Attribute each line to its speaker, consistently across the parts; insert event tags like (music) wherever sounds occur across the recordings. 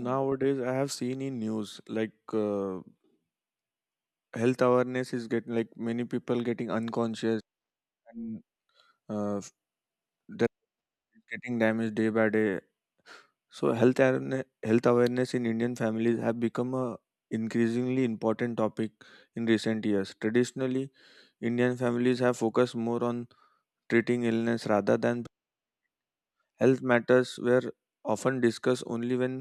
Speaker 1: Mm,
Speaker 2: I have seen in news like health awareness is getting like many people getting unconscious and uh, f- that is getting damaged day by day. So health awareness in Indian families have become a increasingly important topic in recent years. Traditionally, Indian families have focused more on treating illness rather than health matters were often discussed only when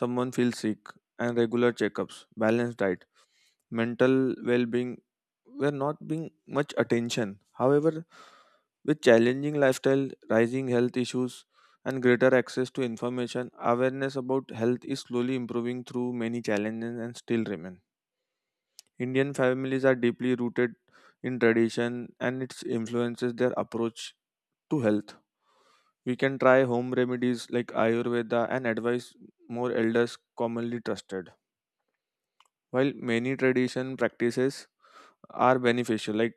Speaker 2: someone feels sick and regular checkups, balanced diet mental well-being were not being much attention. However, with challenging lifestyle, rising health issues, and greater access to information, awareness about health is slowly improving through many challenges and still remain. Indian families are deeply rooted in tradition and it influences their approach to health. We can try home remedies like Ayurveda and advise more elders commonly trusted. While many tradition practices are beneficial, like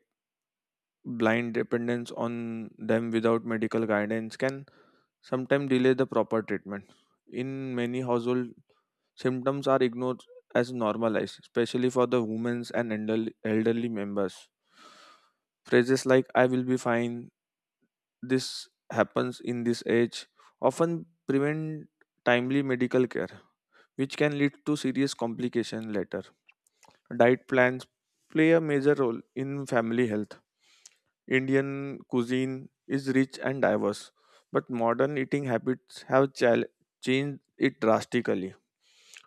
Speaker 2: blind dependence on them without medical guidance can sometimes delay the proper treatment. In many households, symptoms are ignored as normalized, especially for the women and elderly members. Phrases like "I will be fine," "This happens in this age" often prevent timely medical care which can lead to serious complications later. Diet plans play a major role in family health. Indian cuisine is rich and diverse, but modern eating habits have changed it drastically.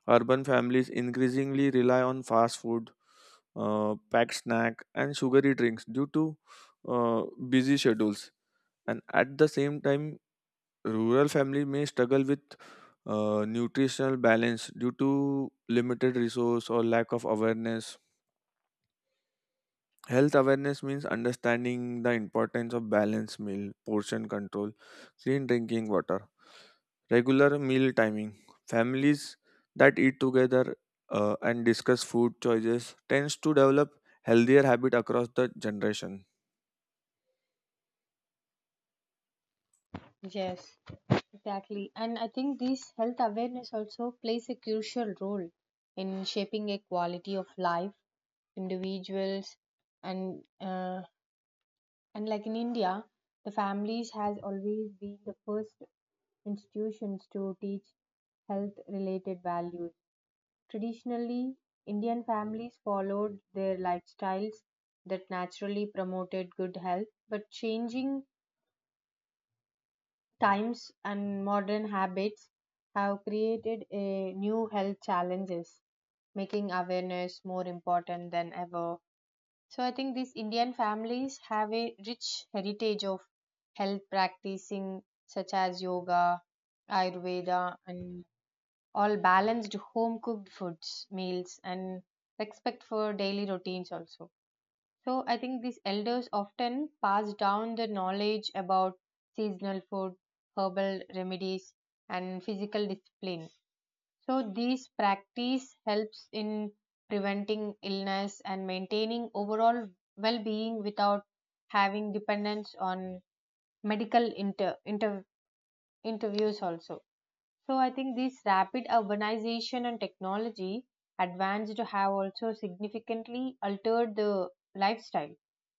Speaker 2: Urban families increasingly rely on fast food, packed snack, and sugary drinks due to uh, busy schedules. And at the same time, rural family may struggle with nutritional balance due to limited resource or lack of awareness. Health awareness means understanding the importance of balanced meal, portion control, clean drinking water, regular meal timing. Families that eat together and discuss food choices tends to develop healthier habit across the generation.
Speaker 1: Yes, exactly. And I think this health awareness also plays a crucial role in shaping a quality of life individuals and uh, and like in India, the families has always been the first institutions to teach health related values. Traditionally, Indian families followed their lifestyles that naturally promoted good health, but changing times and modern habits have created a new health challenges, making awareness more important than ever. So I think these Indian families have a rich heritage of health practicing such as yoga, ayurveda, and all balanced home cooked foods meals and respect for daily routines also. So I think these elders often pass down the knowledge about seasonal food, herbal remedies, and physical discipline. So these practice helps in preventing illness and maintaining overall well-being without having dependence on medical interviews also. So I think this rapid urbanization and technology advanced have also significantly altered the lifestyle,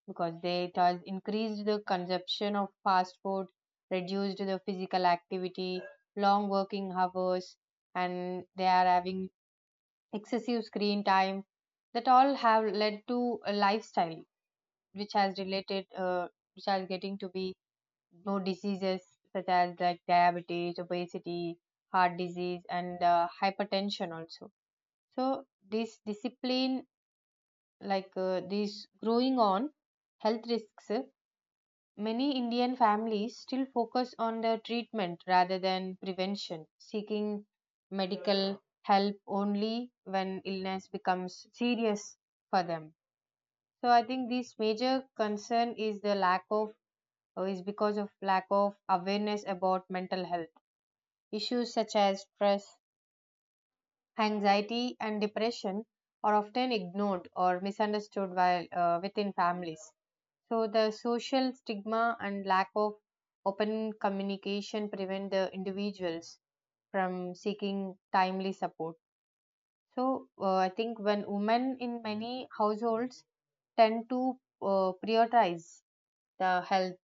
Speaker 1: because they it has increased the consumption of fast food, reduced the physical activity, long working hours, and they are having excessive screen time. That all have led to a lifestyle which has which are getting to be no diseases such as like diabetes, obesity, heart disease, and hypertension also. So this discipline, this growing on health risks, many Indian families still focus on the treatment rather than prevention, seeking medical help only when illness becomes serious for them. So I think this major concern is because of lack of awareness about mental health. Issues such as stress, anxiety, and depression are often ignored or misunderstood while, within families. So, the social stigma and lack of open communication prevent the individuals from seeking timely support. So, I think when women in many households tend to prioritize the health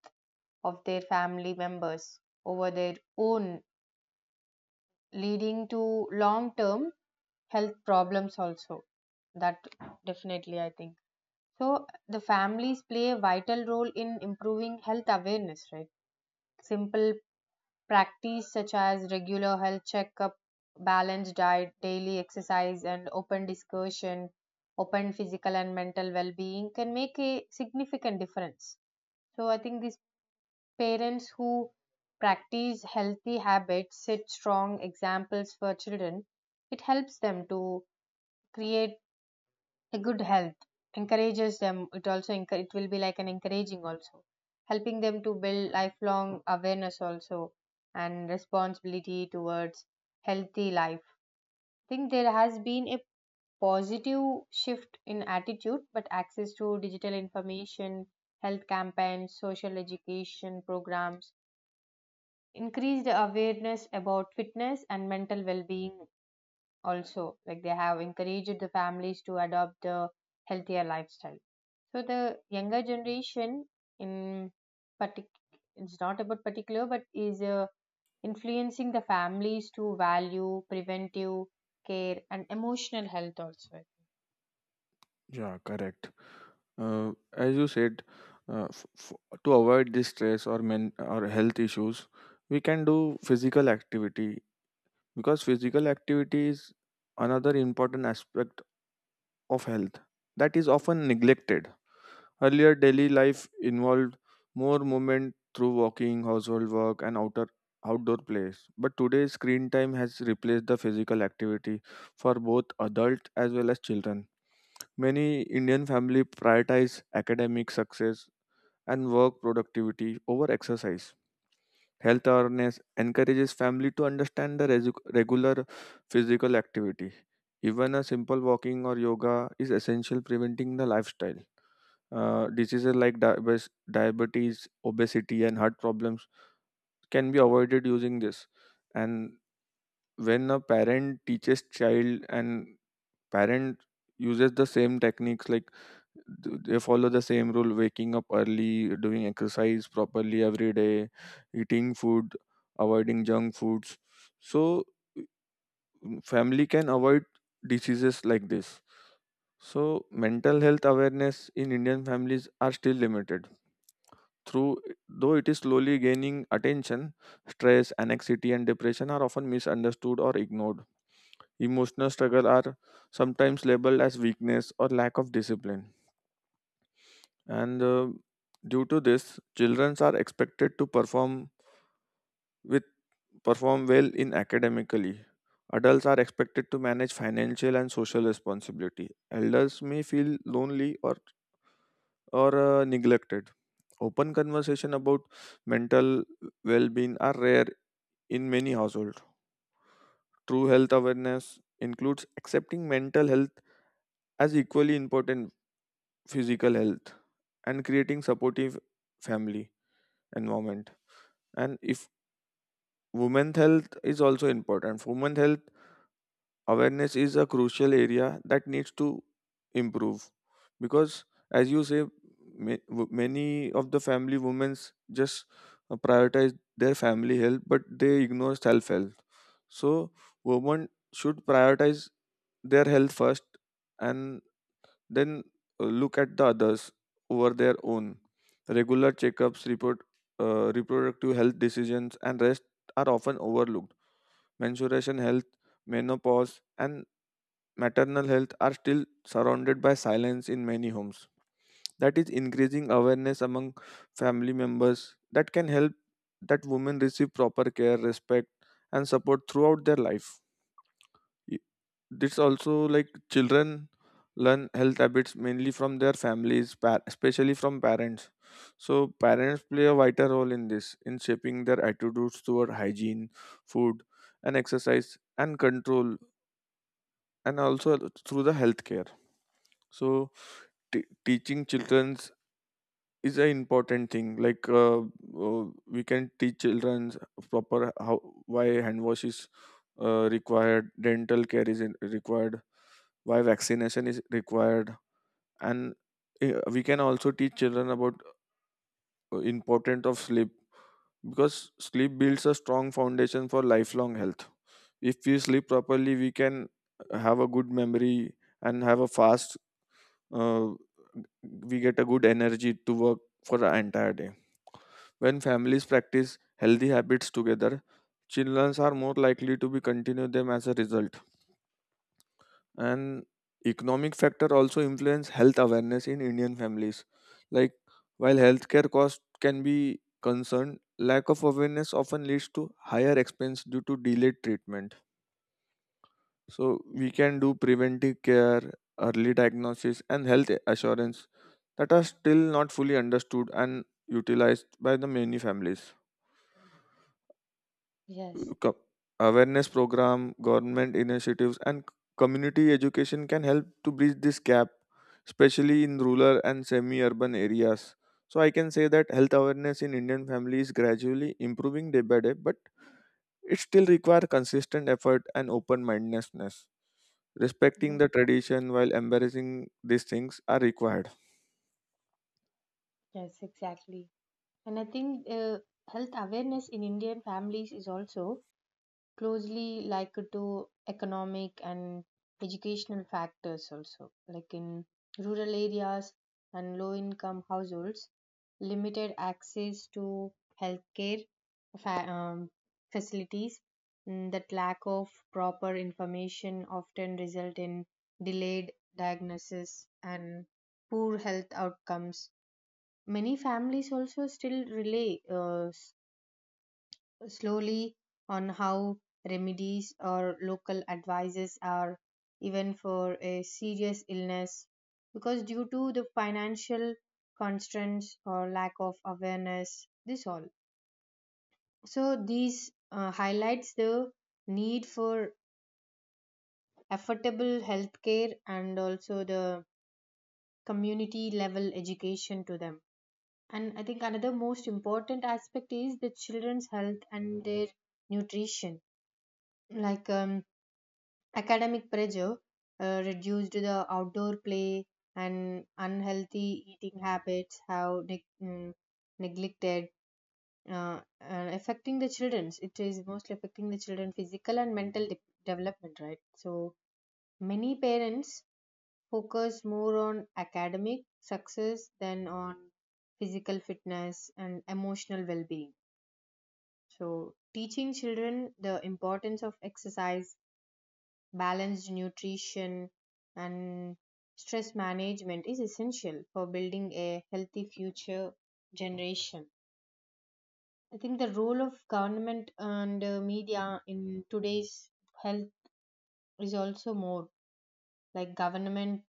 Speaker 1: of their family members over their own, leading to long term health problems also. That definitely I think, so the families play a vital role in improving health awareness, right? Simple practice such as regular health checkup, balanced diet, daily exercise, and open discussion, open physical and mental well-being, can make a significant difference. So I think these parents who practice healthy habits set strong examples for children. It helps them to create a good health, encourages them. It also it will be like an encouraging also, helping them to build lifelong awareness also and responsibility towards healthy life. I think there has been a positive shift in attitude, but access to digital information, health campaigns, social education programs, increased awareness about fitness and mental well-being, also like they have encouraged the families to adopt the healthier lifestyle. So the younger generation in particular, it's not about particular but is influencing the families to value preventive care and emotional health also, I think.
Speaker 2: Yeah, correct. As you said, uh, f- f- to avoid this stress or men or health issues we can do physical activity because physical activity is another important aspect of health that is often neglected. Earlier, daily life involved more movement through walking, household work, and outer outdoor plays. But today, screen time has replaced the physical activity for both adults as well as children. Many Indian families prioritize academic success and work productivity over exercise. Health awareness encourages family to understand the regular physical activity. Even a simple walking or yoga is essential preventing the lifestyle diseases like diabetes, obesity, and heart problems can be avoided using this. And when a parent teaches child and parent uses the same techniques, like they follow the same rule, waking up early, doing exercise properly every day, eating food, avoiding junk foods. So family can avoid diseases like this. So mental health awareness in Indian families are still limited through though it is slowly gaining attention. Stress, anxiety, and depression are often misunderstood or ignored. Emotional struggle are sometimes labeled as weakness or lack of discipline. And due to this, children are expected to with perform well in academically, adults are expected to manage financial and social responsibility, elders may feel lonely or neglected. Open conversation about mental well-being are rare in many households. True health awareness includes accepting mental health as equally important physical health and creating supportive family environment. And if women's health is also important, women's health awareness is a crucial area that needs to improve because as you say, many of the family women just prioritize their family health but they ignore self health. So women should prioritize their health first, and then look at the others over their own. Regular checkups report reproductive health decisions and rest are often overlooked. Menstruation health, menopause, and maternal health are still surrounded by silence in many homes. That is increasing awareness among family members that can help that women receive proper care, respect, and support throughout their life. Y- This also like children learn health habits mainly from their families, especially from parents. So parents play a vital role in this in shaping their attitudes toward hygiene, food, and exercise and control and also through the healthcare. So teaching childrens is an important thing. Like we can teach children proper how why hand wash is required, dental care is required, why vaccination is required, and we can also teach children about importance of sleep because sleep builds a strong foundation for lifelong health. If we sleep properly, we can have a good memory and have a fast uh, we get a good energy to work for the entire day. When families practice healthy habits together, children are more likely to be continue them as a result. And economic factor also influence health awareness in Indian families. Like while healthcare cost can be concerned, lack of awareness often leads to higher expense due to delayed treatment. So we can do preventive care, early diagnosis, and health assurance that are still not fully understood and utilized by the many families.
Speaker 1: Yes,
Speaker 2: co- Awareness program, government initiatives, and community education can help to bridge this gap, especially in rural and semi urban areas. So I can say that health awareness in Indian families gradually improving day by day, but it still requires consistent effort and open mindedness, respecting
Speaker 1: mm,
Speaker 2: the tradition while embracing these things are required.
Speaker 1: yes, exactly. And I think health awareness in Indian families is also closely linked to economic and educational factors also, like in rural areas and low income households, limited access to healthcare fa- um, facilities. That lack of proper information often result in delayed diagnosis and poor health outcomes. Many families also still rely, uh, slowly, on how remedies or local advices are, even for a serious illness, because due to the financial constraints or lack of awareness this all. So these highlights the need for affordable healthcare and also the community level education to them. And I think another most important aspect is the children's health and their nutrition, like um, academic pressure reduced the outdoor play and unhealthy eating habits have neglected and affecting the children's, it is mostly affecting the children physical and mental development, right? So many parents focus more on academic success than on physical fitness and emotional well-being. So teaching children the importance of exercise, balanced nutrition, and stress management is essential for building a healthy future generation. I think the role of government and media in today's health is also more. Like government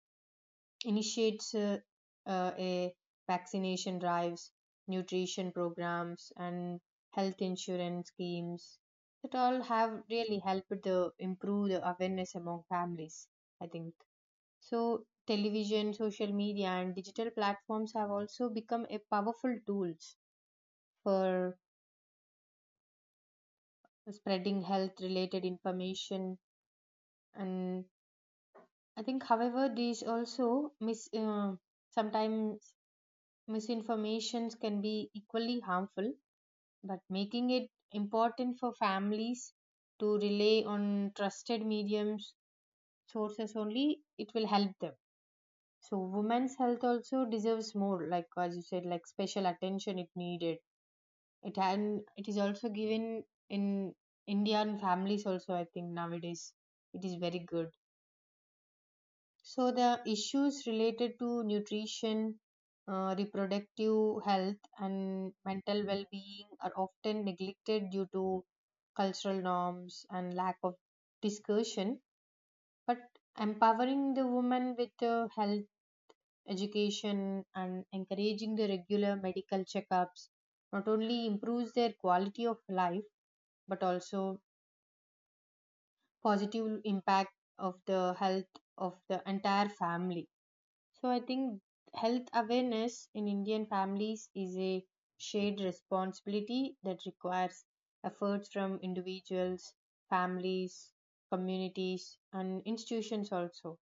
Speaker 1: initiates, a vaccination drives, nutrition programs, and health insurance schemes, that all have really helped the improve the awareness among families, I think. So, television, social media, and digital platforms have also become a powerful tools for spreading health related information. And I think, however, these also mis sometimes misinformations can be equally harmful, but making it important for families to rely on trusted mediums sources only, it will help them. So, women's health also deserves more, like as you said, like special attention it needed it, and it is also given in Indian families also, I think. Nowadays it is very good. So the issues related to nutrition, reproductive health and mental well-being are often neglected due to cultural norms and lack of discussion, but empowering the woman with health education and encouraging the regular medical checkups not only improves their quality of life but also positive impact of the health of the entire family. So I think health awareness in Indian families is a shared responsibility that requires efforts from individuals, families, communities, and institutions also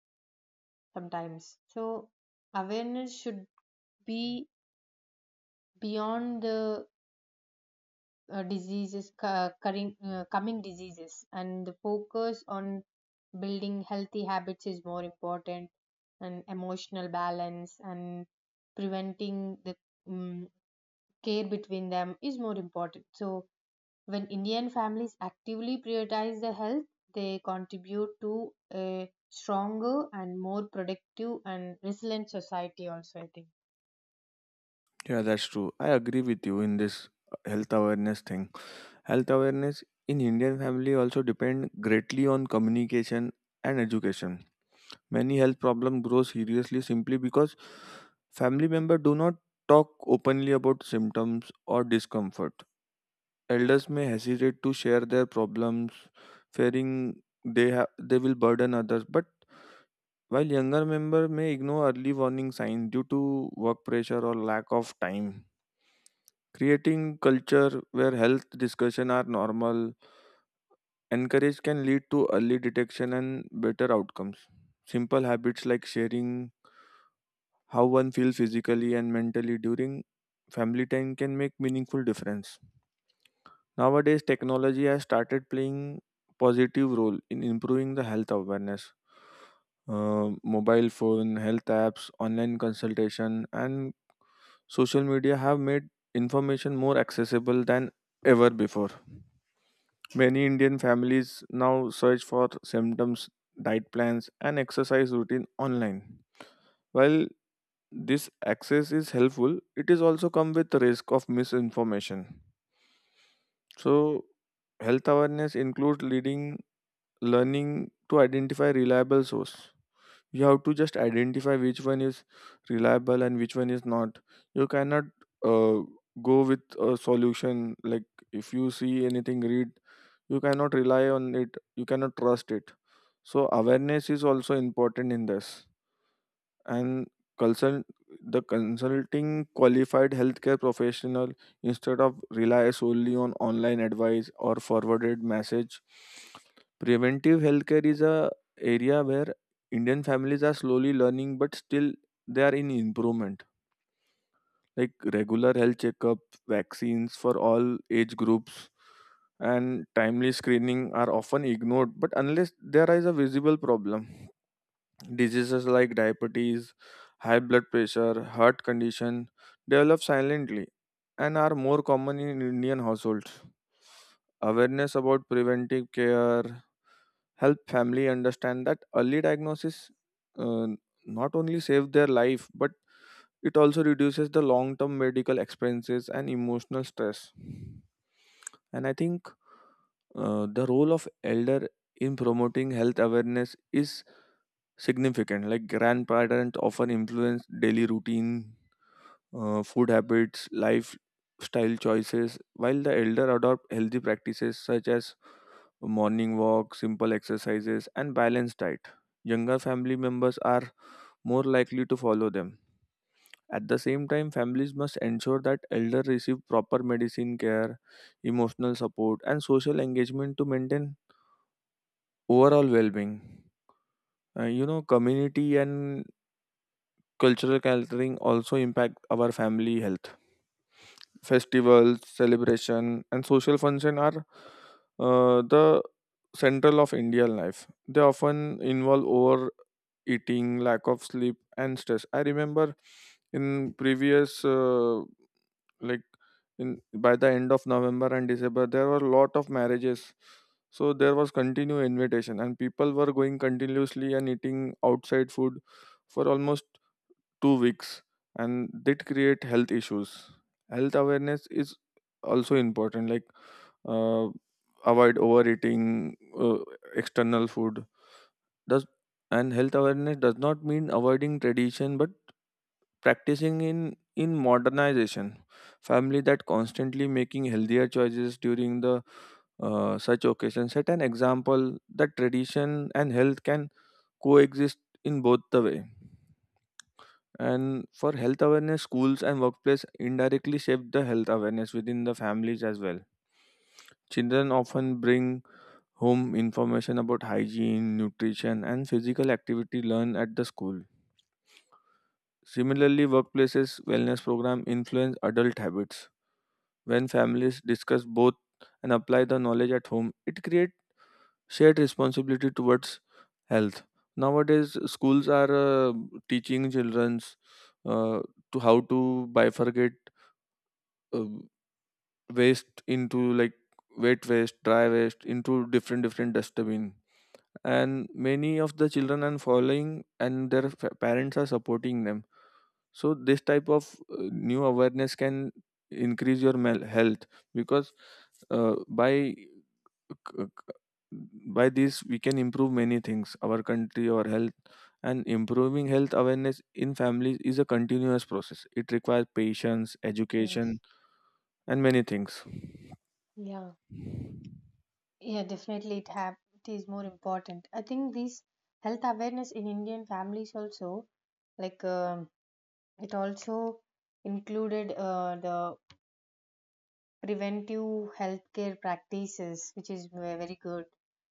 Speaker 1: sometimes. So awareness should be beyond the diseases current, coming diseases, and the focus on building healthy habits is more important, and emotional balance and preventing the um, care between them is more important. So when Indian families actively prioritize the health, they contribute to a stronger and more productive and resilient society also, I think.
Speaker 2: Yeah, that's true, I agree with you in this health awareness thing. Health awareness in Indian family also depend greatly on communication and education. Many health problems grow seriously simply because family members do not talk openly about symptoms or discomfort. Elders may hesitate to share their problems, fearing they will burden others. But while younger member may ignore early warning signs due to work pressure or lack of time, creating culture where health discussion are normal encourage can lead to early detection and better outcomes. Simple habits like sharing how one feels physically and mentally during family time can make meaningful difference. Nowadays technology has started playing positive role in improving the health awareness. Mobile phone, health apps, online consultation, and social media have made information more accessible than ever before. Many Indian families now search for symptoms, diet plans, and exercise routine online. While this access is helpful, it is also come with the risk of misinformation. So, health awareness includes leading learning to identify reliable source. You have to just identify which one is reliable and which one is not. You cannot uh, go with a solution like if you see anything read you cannot rely on it, you cannot trust it. So awareness is also important in this, and consult consulting qualified healthcare professional instead of rely solely on online advice or forwarded message. Preventive healthcare is a area where Indian families are slowly learning but still they are in improvement. Like regular health checkup, vaccines for all age groups, and timely screening are often ignored but unless there is a visible problem. Diseases like diabetes, high blood pressure, heart condition develop silently and are more common in Indian households. Awareness about preventive care help family understand that early diagnosis uh, not only save their life but it also reduces the long term medical expenses and emotional stress. And I think the role of elder in promoting health awareness is significant. Like grandparents often influence daily routine, food habits, lifestyle choices, while the elder adopt healthy practices such as morning walk, simple exercises, and balanced diet. Younger family members are more likely to follow them. At the same time, families must ensure that elder receive proper medicine care, emotional support, and social engagement to maintain overall well-being. You know, community and cultural gathering also impact our family health. Festivals, celebration, and social function are the central of Indian life. They often involve overeating, lack of sleep, and stress. I remember in previous like in by the end of November and December there were a lot of marriages. So there was continued invitation and people were going continuously and eating outside food for almost 2 weeks and that create health issues. Health awareness is also important like uh, avoid overeating external food does, and health awareness does not mean avoiding tradition but practicing in modernization. Family that constantly making healthier choices during the such occasions set an example that tradition and health can coexist in both the way. And for health awareness, schools and workplace indirectly shape the health awareness within the families as well. Children often bring home information about hygiene, nutrition, and physical activity learned at the school. Similarly, workplaces wellness program influence adult habits. When families discuss both and apply the knowledge at home, it creates shared responsibility towards health. Nowadays, schools are uh, teaching childrens uh, to how to bifurcate uh, waste into like wet waste dry waste into different different dustbin and many of the children are following and their parents are supporting them. So this type of new awareness can increase your health because uh, by c- c- by this we can improve many things our country our health. And improving health awareness in families is a continuous process, it requires patience, education,
Speaker 1: Yes.
Speaker 2: and many things.
Speaker 1: Yeah. Yeah, definitely it have it is more important. I think this health awareness in Indian families also, like um, it also included the preventive healthcare practices, which is very good,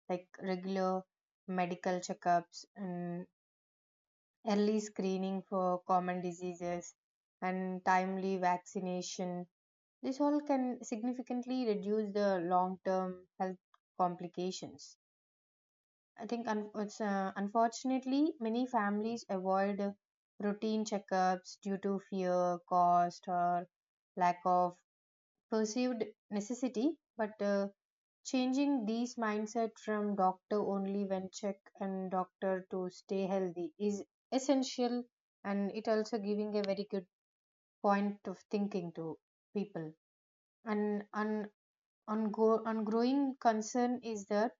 Speaker 1: like regular medical checkups and early screening for common diseases and timely vaccination. This all can significantly reduce the long-term health complications, I think. Unfortunately, many families avoid routine checkups due to fear, cost, or lack of perceived necessity. But changing these mindset from doctor only when check and doctor to stay healthy is essential, and it also giving a very good point of thinking to people. And on growing concern is that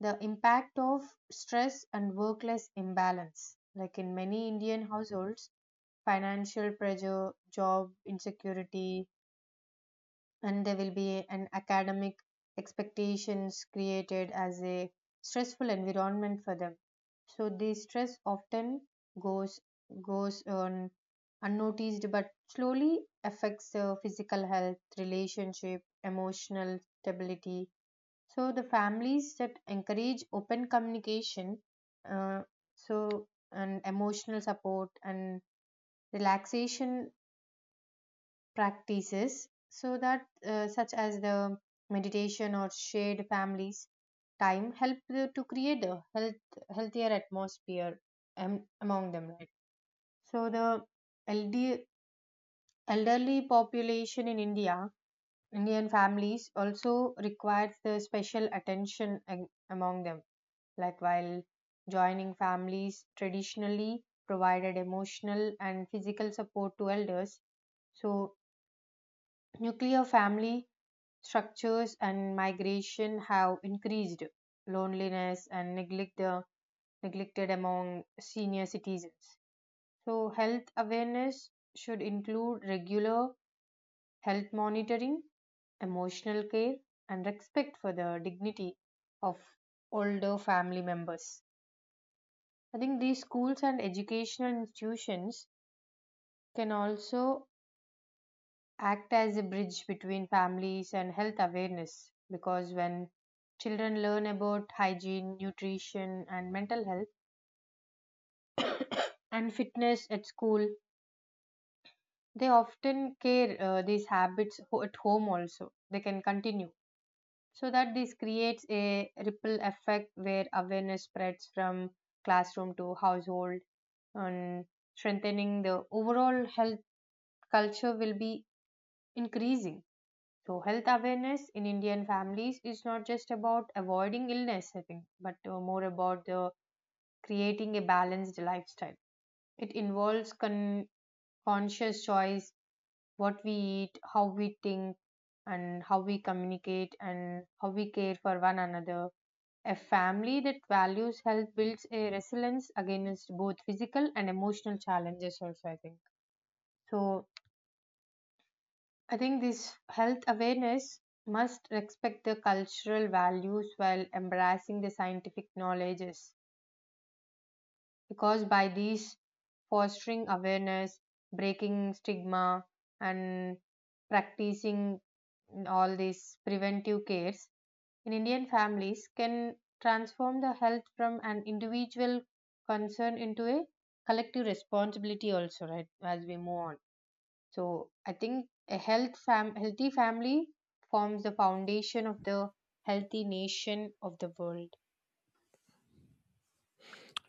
Speaker 1: the impact of stress and work life imbalance. Like in many Indian households, financial pressure, job insecurity, and there will be an academic expectations created as a stressful environment for them. So the stress often goes goes on unnoticed, but slowly affects their physical health, relationship, emotional stability. So the families that encourage open communication, uh, and emotional support and relaxation practices, so that such as the meditation or shared families time help the, to create a healthier atmosphere among them. Right. So the elderly elderly population in India, Indian families also requires the special attention among them. Like while joining families traditionally provided emotional and physical support to elders, so nuclear family structures and migration have increased loneliness and neglected among senior citizens. So health awareness should include regular health monitoring, emotional care, and respect for the dignity of older family members. I think these schools and educational institutions can also act as a bridge between families and health awareness, because when children learn about hygiene, nutrition, and mental health and fitness at school, they often care these habits at home also. They can continue. So that this creates a ripple effect where awareness spreads from classroom to household, and strengthening the overall health culture will be increasing. So, health awareness in Indian families is not just about avoiding illness, I think, but more about the creating a balanced lifestyle. It involves conscious choice, what we eat, how we think, and how we communicate, and how we care for one another. A family that values health builds a resilience against both physical and emotional challenges, also, I think. So, I think this health awareness must respect the cultural values while embracing the scientific knowledges, because by these fostering awareness, breaking stigma, and practicing all these preventive cares in Indian families can transform the health from an individual concern into a collective responsibility also, right, as we move on. So I think a healthy family forms the foundation of the healthy nation of the world.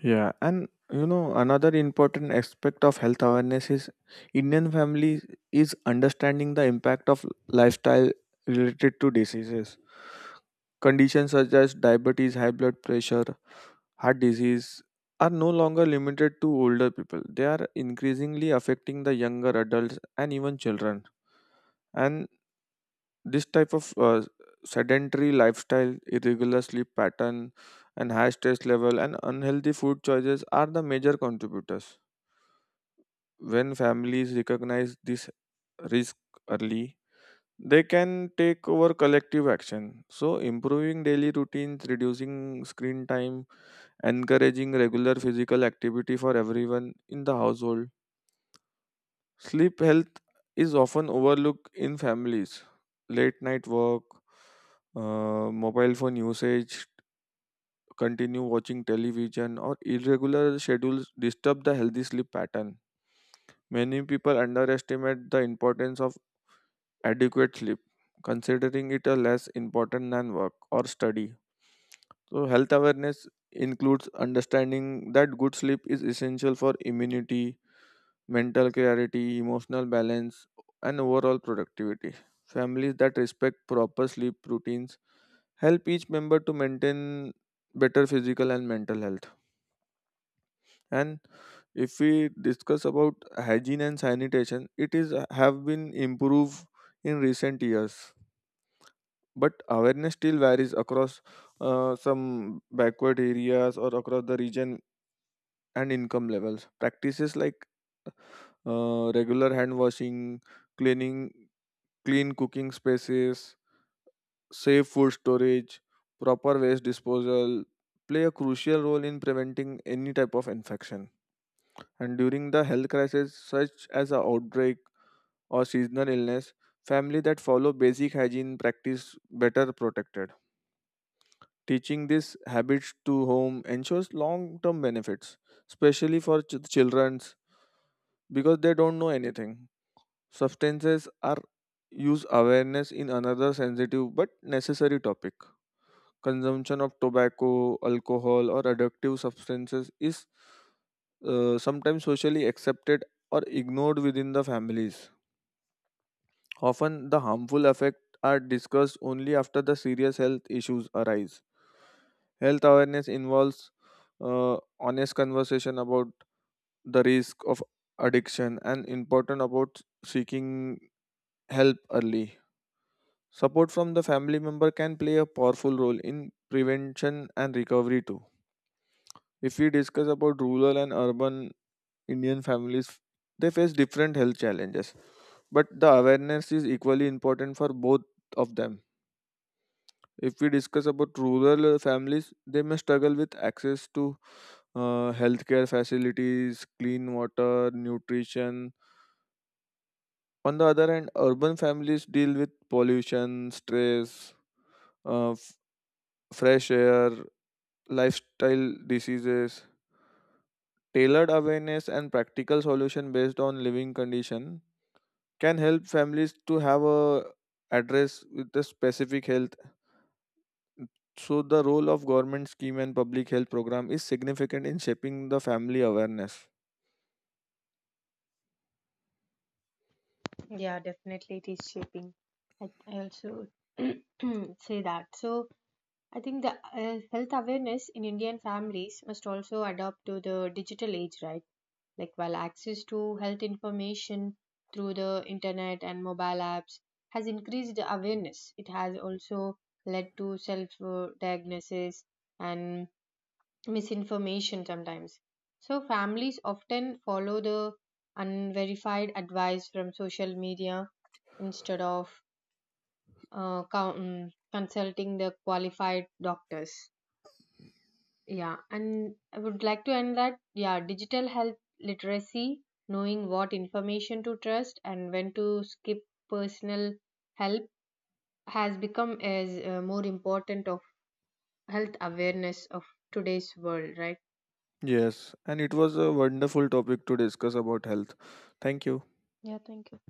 Speaker 2: Yeah, and you know, another important aspect of health awareness is Indian families is understanding the impact of lifestyle related to diseases. Conditions such as diabetes, high blood pressure, heart disease are no longer limited to older people. They are increasingly affecting the younger adults and even children. And this type of sedentary lifestyle, irregular sleep pattern, and high stress level and unhealthy food choices are the major contributors. When families recognize this risk early, they can take over collective action. So, improving daily routines, reducing screen time, encouraging regular physical activity for everyone in the household. Sleep health is often overlooked in families. Late night work, mobile phone usage, continue watching television, or irregular schedules disturb the healthy sleep pattern. Many people underestimate the importance of adequate sleep, considering it a less important than work or study. So, health awareness includes understanding that good sleep is essential for immunity, mental clarity, emotional balance, and overall productivity. Families that respect proper sleep routines help each member to maintain better physical and mental health. And if we discuss about hygiene and sanitation, it is have been improved in recent years. But awareness still varies across some backward areas or across the region and income levels. Practices like regular hand washing, cleaning, clean cooking spaces, safe food storage, proper waste disposal play a crucial role in preventing any type of infection. And during the health crisis, such as an outbreak or seasonal illness, family that follow basic hygiene practice better protected. Teaching these habits to home ensures long-term benefits, especially for children because they don't know anything. Substances are use awareness in another sensitive but necessary topic. Consumption of tobacco, alcohol, or addictive substances is sometimes socially accepted or ignored within the families. Often, the harmful effects are discussed only after the serious health issues arise. Health awareness involves honest conversation about the risk of addiction and important about seeking help early. Support from the family member can play a powerful role in prevention and recovery too. If we discuss about rural and urban Indian families, they face different health challenges, but the awareness is equally important for both of them. If we discuss about rural families, they may struggle with access to healthcare facilities, clean water, nutrition. On the other hand, urban families deal with pollution, stress, uh, f- fresh air, lifestyle diseases, tailored awareness and practical solution based on living condition can help families to have a address with the specific health. So the role of government scheme and public health program is significant in shaping the family awareness.
Speaker 1: Yeah, definitely it is shaping. I also (clears throat) say that. So I think the health awareness in Indian families must also adapt to the digital age, right? Like while access to health information through the internet and mobile apps has increased the awareness, it has also led to self-diagnosis and misinformation sometimes. So, families often follow the unverified advice from social media instead of consulting the qualified doctors. Yeah, and I would like to end that. Yeah, digital health literacy, knowing what information to trust and when to skip personal help, has become as more important of health awareness of today's world, right?
Speaker 2: Yes, and it was a wonderful topic to discuss about health. Thank you.
Speaker 1: Yeah, thank you.